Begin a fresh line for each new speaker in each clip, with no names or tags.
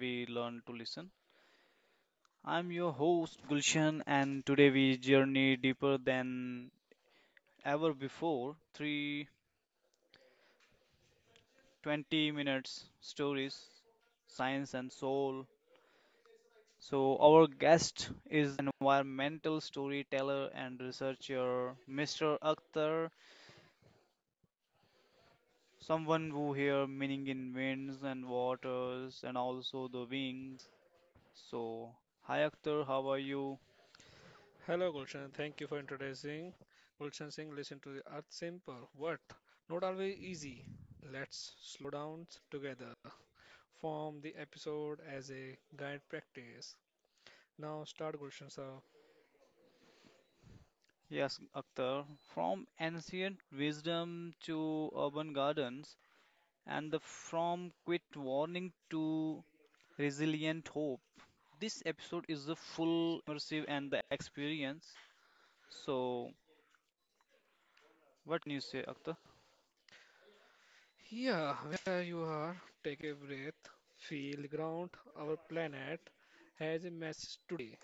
we learn to listen. I'm your host Gulshan, and today we journey deeper than ever before. 320 minutes stories, science, and soul. So, our guest is an environmental storyteller and researcher Mr. Akhtar, someone who hears meaning in winds and waters and also the wings. So, hi Akhtar, how are you?
Hello, Gulshan. Thank you for introducing Gulshan Singh. Listen to the Earth Simple. What? Not always easy. Let's slow down together. Form the episode as a guide practice. Now start, Gulshan sir.
Yes, Akhtar, from ancient wisdom to urban gardens, and the from quit warning to resilient hope. This episode is the full immersive and the experience. So, what can you say, Akhtar?
Here, where you are, take a breath, feel the ground. Our planet has a message today.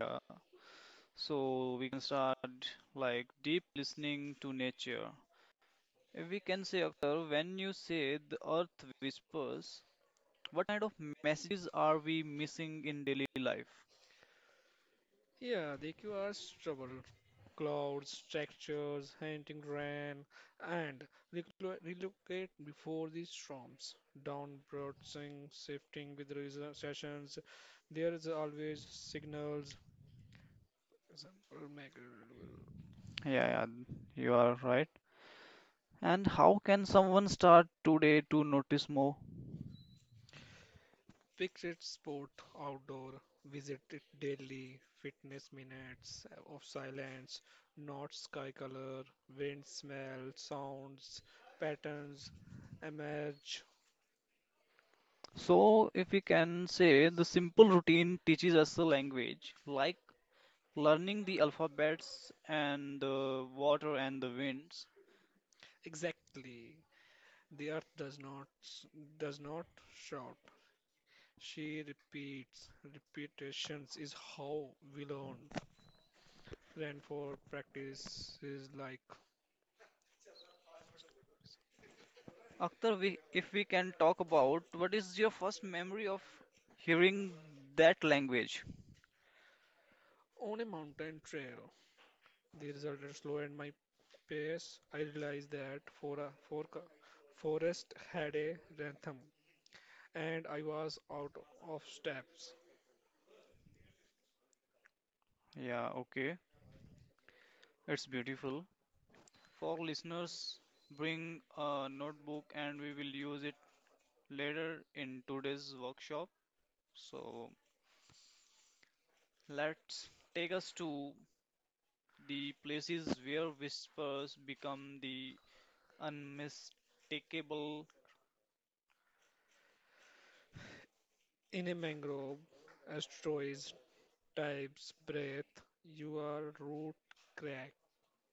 Yeah, so we can start like deep listening to nature. If we can say, Akhtar, when you say the earth whispers, what kind of messages are we missing in daily life?
Yeah, the QR's trouble. Clouds, textures, hunting rain, and relocate before the storms. Downbroadcing, shifting with recessions. There is always signals. Example, make
Yeah, yeah, you are right. And how can someone start today to notice more?
fixed sport outdoor. Visit it daily. Fitness minutes of silence. Not sky color. Wind smell. Sounds. Patterns emerge.
So, if we can say the simple routine teaches us the language, like learning the alphabets and the water and the winds.
Exactly. The earth does not shout. She repeats. Repetitions is how we learn. Rainfall practice is like
Akhtar, we, if we can talk about what is your first memory of hearing that language?
on a mountain trail. The result is slow and my pace. I realized that for a forest had a rhythm, and I was out of steps.
Yeah, okay, it's beautiful. For listeners, bring a notebook and we will use it later in today's workshop. So let's take us to the places where whispers become the unmistakable
In a mangrove, asteroids types breath. Your root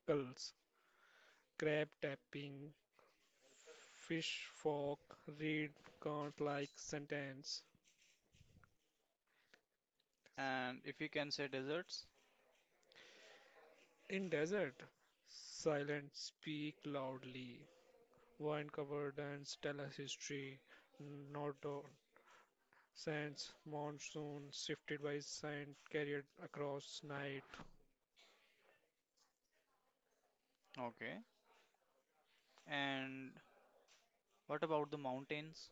crackles. Crab tapping Fish folk read chant-like sentence.
and if you can say deserts.
In desert, silent speak loudly. Wine curtains tell us history, not dawn. Sands, monsoon shifted by sand carried across night.
Okay. And what about the mountains?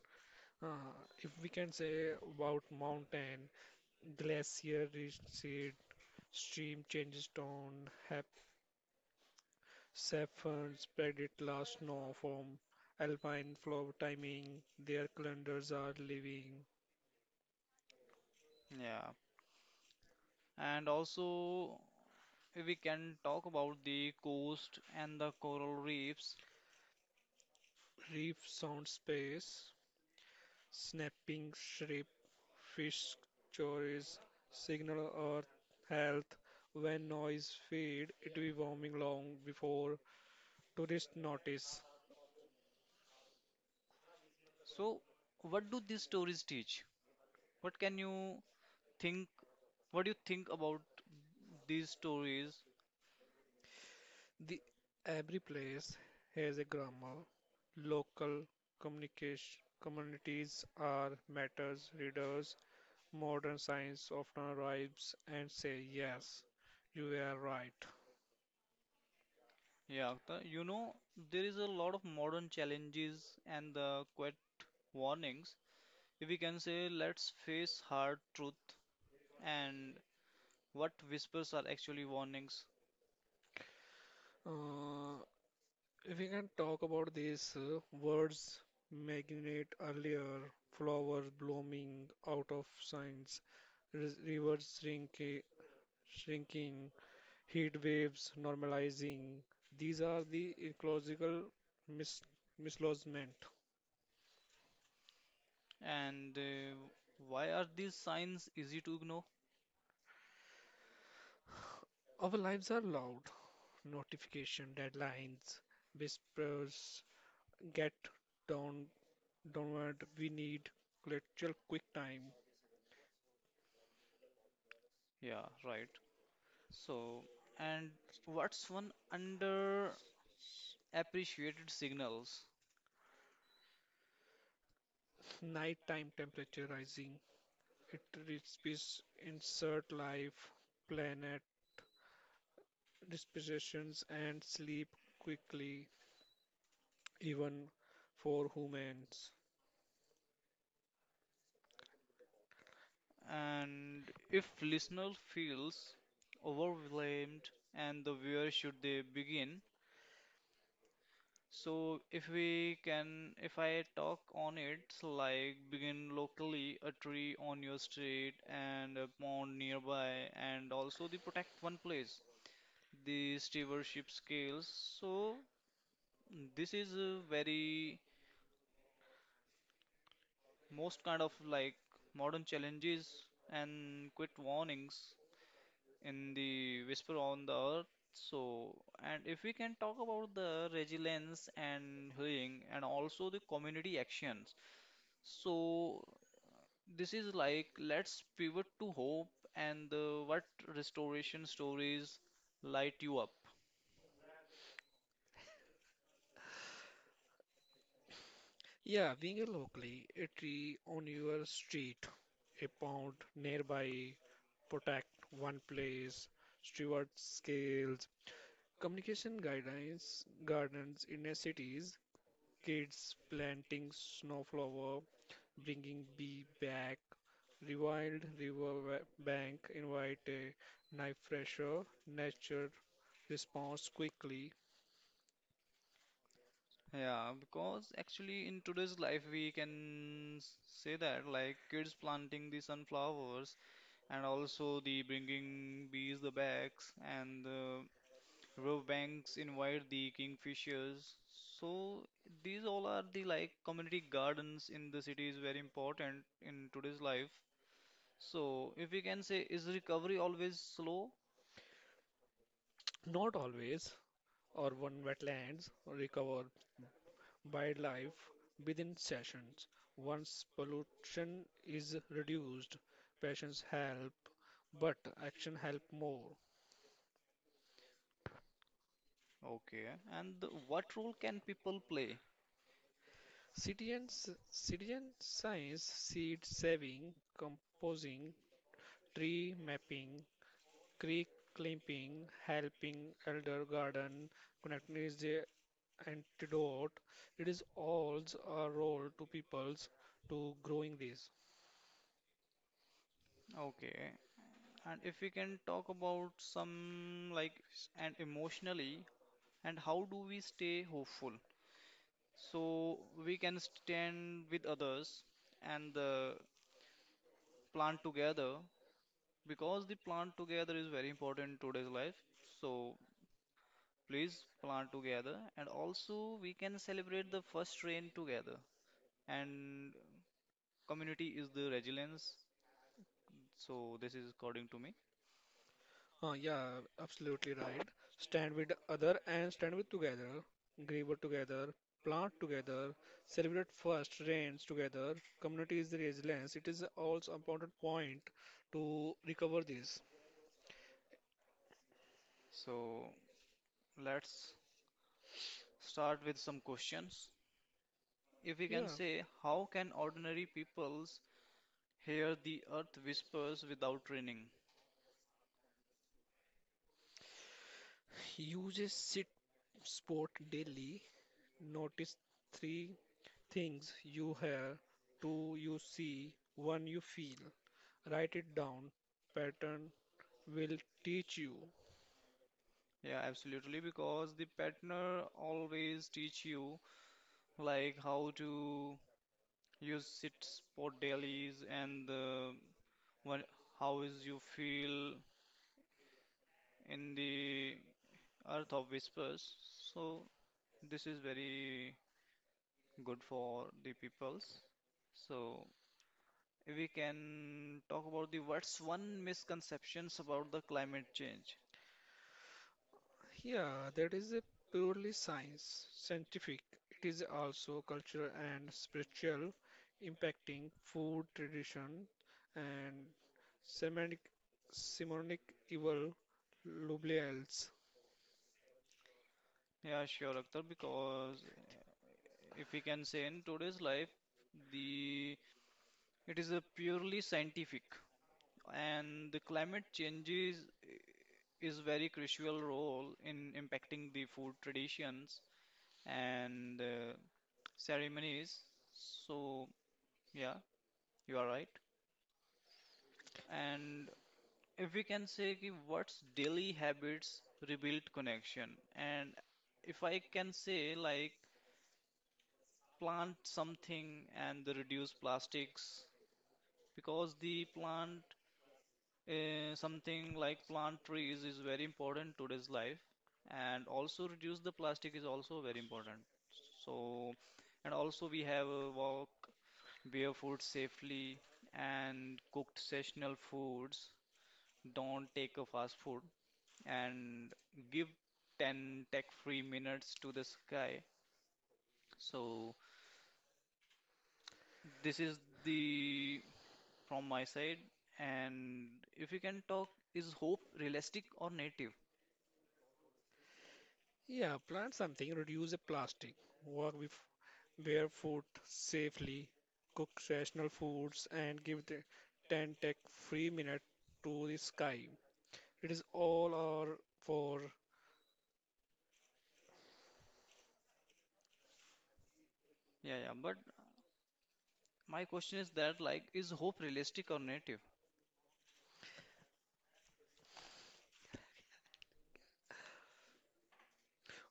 Uh, if we can say about mountain, glacier recede, stream changes tone, hap Saffron spread its last snow from alpine flow timing, their calendars are living,
Yeah. And also we can talk about the coast and the coral reefs.
reef sound space, snapping shrimp, fish stories, signal earth health. When noise fade, it will be warming long before tourists notice.
So what do these stories teach? What can you think? What do you think about these stories?
The every place has a grammar. Local communication communities are matters readers Modern science often arrives and say yes, you are right.
Yeah, Akhtar, you know, there is a lot of modern challenges and the quite warnings. If we can say, let's face hard truth and what whispers are actually warnings
Uh, if we can talk about these words, magnate earlier, flowers blooming out of science, rivers shrinking, shrinking, heat waves normalizing. These are the ecological mis misalignment.
and why are these signs easy to ignore?
Our lives are loud. Notification, deadlines, whispers, get down Downward, we need glacial quick time,
Yeah, right. So, and what's one underappreciated signals?
nighttime temperature rising. It recipes insert life, planet dispositions, and sleep quickly, even for humans.
And if listener feels overwhelmed and the where should they begin? So if we can, if I talk on it, so like begin locally, a tree on your street and a pond nearby, and also the protect one place, the stewardship scales. So this is a very most kind of like modern challenges and quick warnings in the Whisper on the Earth. So, and if we can talk about the resilience and healing and also the community actions. So, this is like let's pivot to hope and the, what restoration stories light you up.
Yeah, being a locally, a tree on your street, a pond nearby, protect one place, steward scales, communication guidelines, gardens in a cities, Kids planting snowflower, bringing bee back. Rewild river bank invite a knife fresher. Nature responds quickly,
Yeah, because actually in today's life we can say that like kids planting the sunflowers and also the bringing bees the bags and Riverbanks invite the kingfishers. So these all are the like community gardens in the city is very important in today's life. So if we can say, is recovery always slow?
not always. Urban wetlands recover wildlife within sessions. Once pollution is reduced, passions help, but action help more.
Okay. And what role can people play?
Citizen, citizen science, seed saving, composing, tree mapping, creek clipping, helping elder garden, connecting is the antidote. It is all's a role to peoples to growing this.
Okay. And if we can talk about some like and emotionally, and how do we stay hopeful? So we can stand with others and plan together because the plant together is very important in today's life. So please plant together, and also we can celebrate the first rain together. And community is the resilience. So this is according to me.
Yeah, absolutely right. Stand with other and stand with together, Grow together, plant together, celebrate first rains together. Community is the resilience. It is also important point to recover this.
So let's start with some questions. If we can
Yeah.
say, how can ordinary peoples hear the earth whispers without training?
Use a sit sport daily. Notice three things you hear, two you see, one you feel. Write it down. Pattern will teach you.
Yeah, absolutely, because the partner always teach you like how to use sit spot dailies and what how is you feel in the earth of whispers. So this is very good for the peoples. So we can talk about the what's one misconceptions about the climate change.
Yeah, that is a purely science, scientific. It is also cultural and spiritual, impacting food tradition and semantic, semonic evil, loblials.
Yeah, sure Akhtar, because if we can say in today's life the it is a purely scientific and the climate changes i- is very crucial role in impacting the food traditions and ceremonies. So yeah, you are right. And if we can say ki what's daily habits rebuild connection, and if I can say like plant something and the reduce plastics because the plant something like plant trees is very important today's life and also reduce the plastic is also very important. So and also we have a walk barefoot safely and cooked seasonal foods, don't take a fast food and give 10 tech free minutes to the sky. So this is the from my side. And if you can talk is hope realistic or native.
Yeah, plant something, reduce a plastic, work with barefoot safely, cook rational foods, and give the tent a free minute to the sky. It is all our for
Yeah, yeah, but my question is that like is hope realistic or native?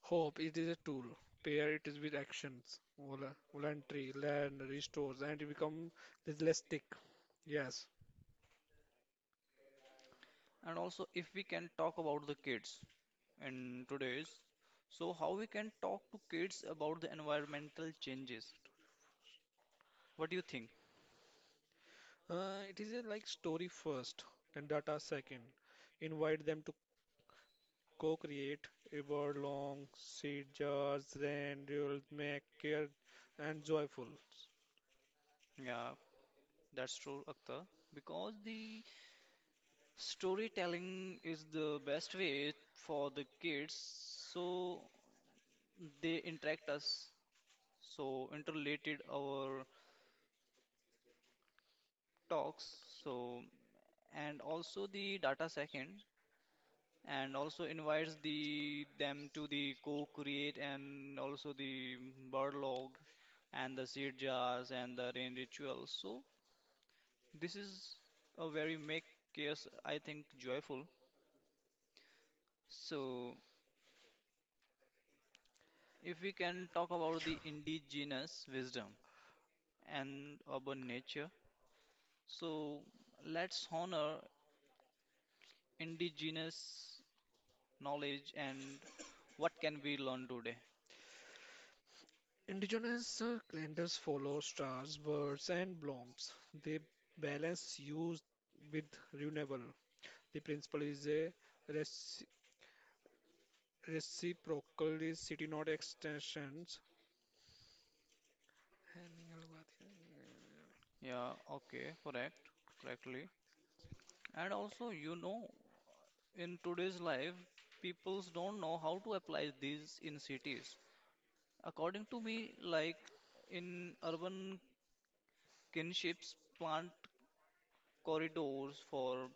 hope. It is a tool. Pair it is with actions, voluntary, land, restores, and it become realistic. Yes,
And also if we can talk about the kids in today's, so how we can talk to kids about the environmental changes? What do you think?
it is a like story first and data second. Invite them to co-create a world long, seed jars, and you'll make care and joyful.
Yeah, that's true, Akhtar. Because the storytelling is the best way for the kids so they interact us so interrelated our talks. So and also the data second and also invites the them to the co-create and also the bird log and the seed jars and the rain rituals. So this is a very make chaos, I think, joyful. So if we can talk about the indigenous wisdom and urban nature, so let's honor indigenous knowledge and what can we learn today.
Indigenous calendars follow stars, birds, and blooms. They balance use with renewal. The principle is a reci- reciprocal city not extensions.
Yeah, okay, correctly. And also, you know, in today's life, peoples don't know how to apply these in cities. According to me, like in urban kinships, plant corridors for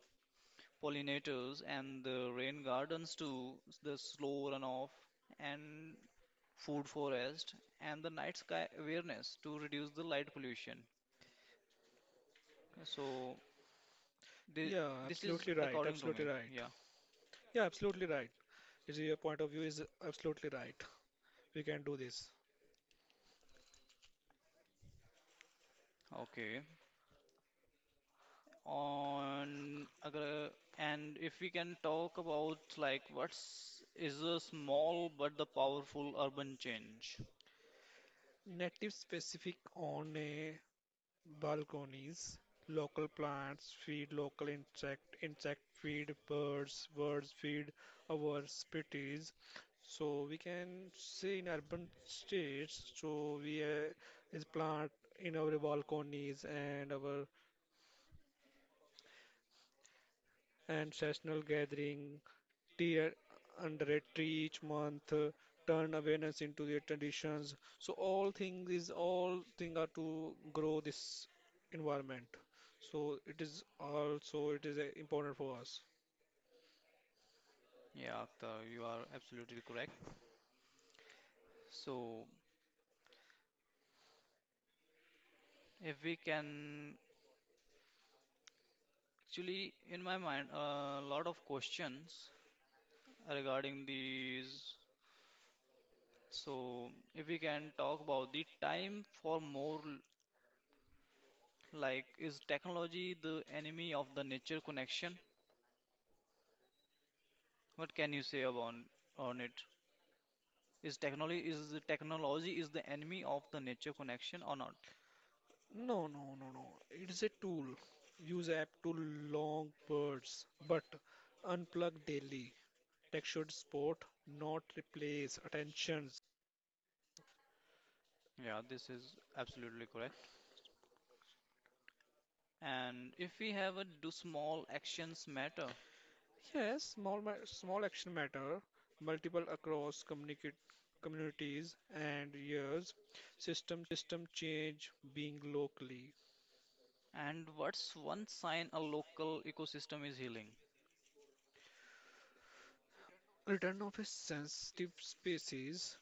pollinators and the rain gardens to the slow runoff and food forest and the night sky awareness to reduce the light pollution. So, thi-
Yeah,
this is
absolutely right.
according to
Absolutely
me.
right.
Yeah.
Yeah, absolutely right. Is your point of view is absolutely right. We can do this.
Okay. On agra. And if we can talk about like what's is a small but the powerful urban change.
Native specific on a Balconies, local plants feed local insect, insect feed birds, birds feed our species. So we can say in urban states, so we is plant in our balconies and our ancestral gathering tea under a tree each month, turn awareness into their traditions. So all thing are to grow this environment. So it is also it is important for us.
Yeah, Akhtar, you are absolutely correct. So if we can actually in my mind a lot of questions regarding these. So if we can talk about the time for more like is technology the enemy of the nature connection? What can you say about on it? Is technology is the enemy of the nature connection or not?
No, no, no, no. It is a tool. Use app to long birds, but unplug daily. Textured sport, not replace attention.
Yeah, this is absolutely correct. And if we have a do small actions matter?
Yes, small action matter, multiple across communicate communities and years, system change being locally.
And what's one sign a local ecosystem is healing?
Return of a sensitive species,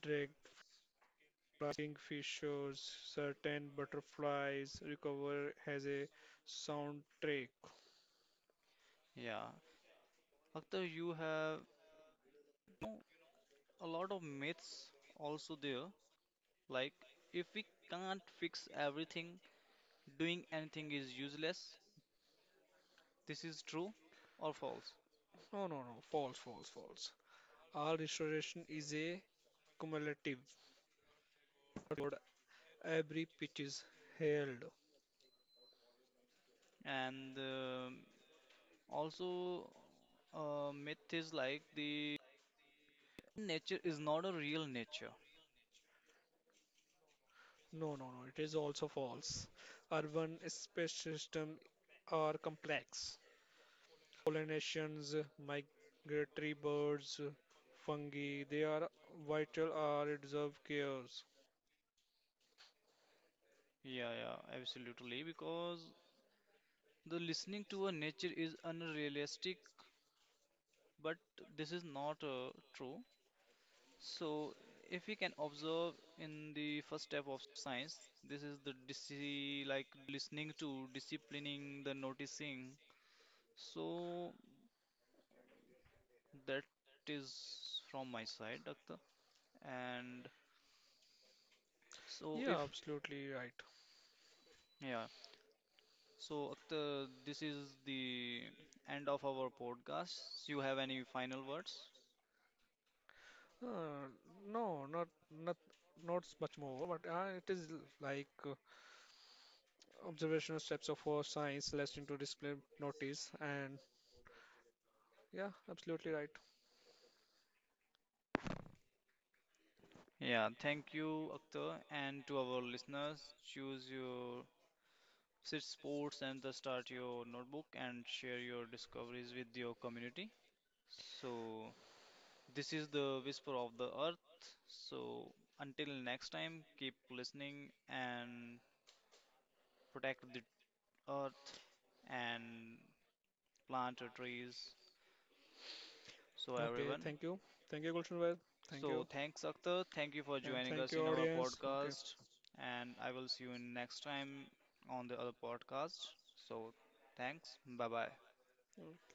drag flying fishers, certain butterflies recover has a soundtrack.
Yeah, Akhtar, you have you know, a lot of myths also there. Like if we can't fix everything, doing anything is useless. This is true or false?
No, no, no, false, false, false. Our restoration is a cumulative, not every pitch is held.
And also, myth is like the nature is not a real nature.
No, no, no. It is also false. Urban space systems are complex. Pollinations, migratory birds, fungi, they are vital or deserve cares.
Yeah, yeah, absolutely. Because the listening to a nature is unrealistic, but this is not true. So, if we can observe in the first step of science, this is the disci like listening to, disciplining, the noticing. So, that is from my side, Doctor. And so,
Yeah,
if
absolutely right.
yeah. So, Akhtar, this is the end of our podcast. You have any final words?
Uh, no, not not much more, but it is like observational steps of our science less into display notice and yeah, absolutely right.
Yeah, thank you, Akhtar, and to our listeners, choose your sit sports and the start your notebook and share your discoveries with your community. So, this is the whisper of the earth. So, until next time, keep listening and protect the earth and plant your trees. So,
Okay,
everyone.
thank you. Thank you, Gulshanbhai. Thank
So
you.
thanks, Akhtar. Thank you for
And
joining
thank
us
you,
in our
audience. Okay.
podcast. And I will see you in next time on the other podcast. So thanks. Bye bye.
Yeah.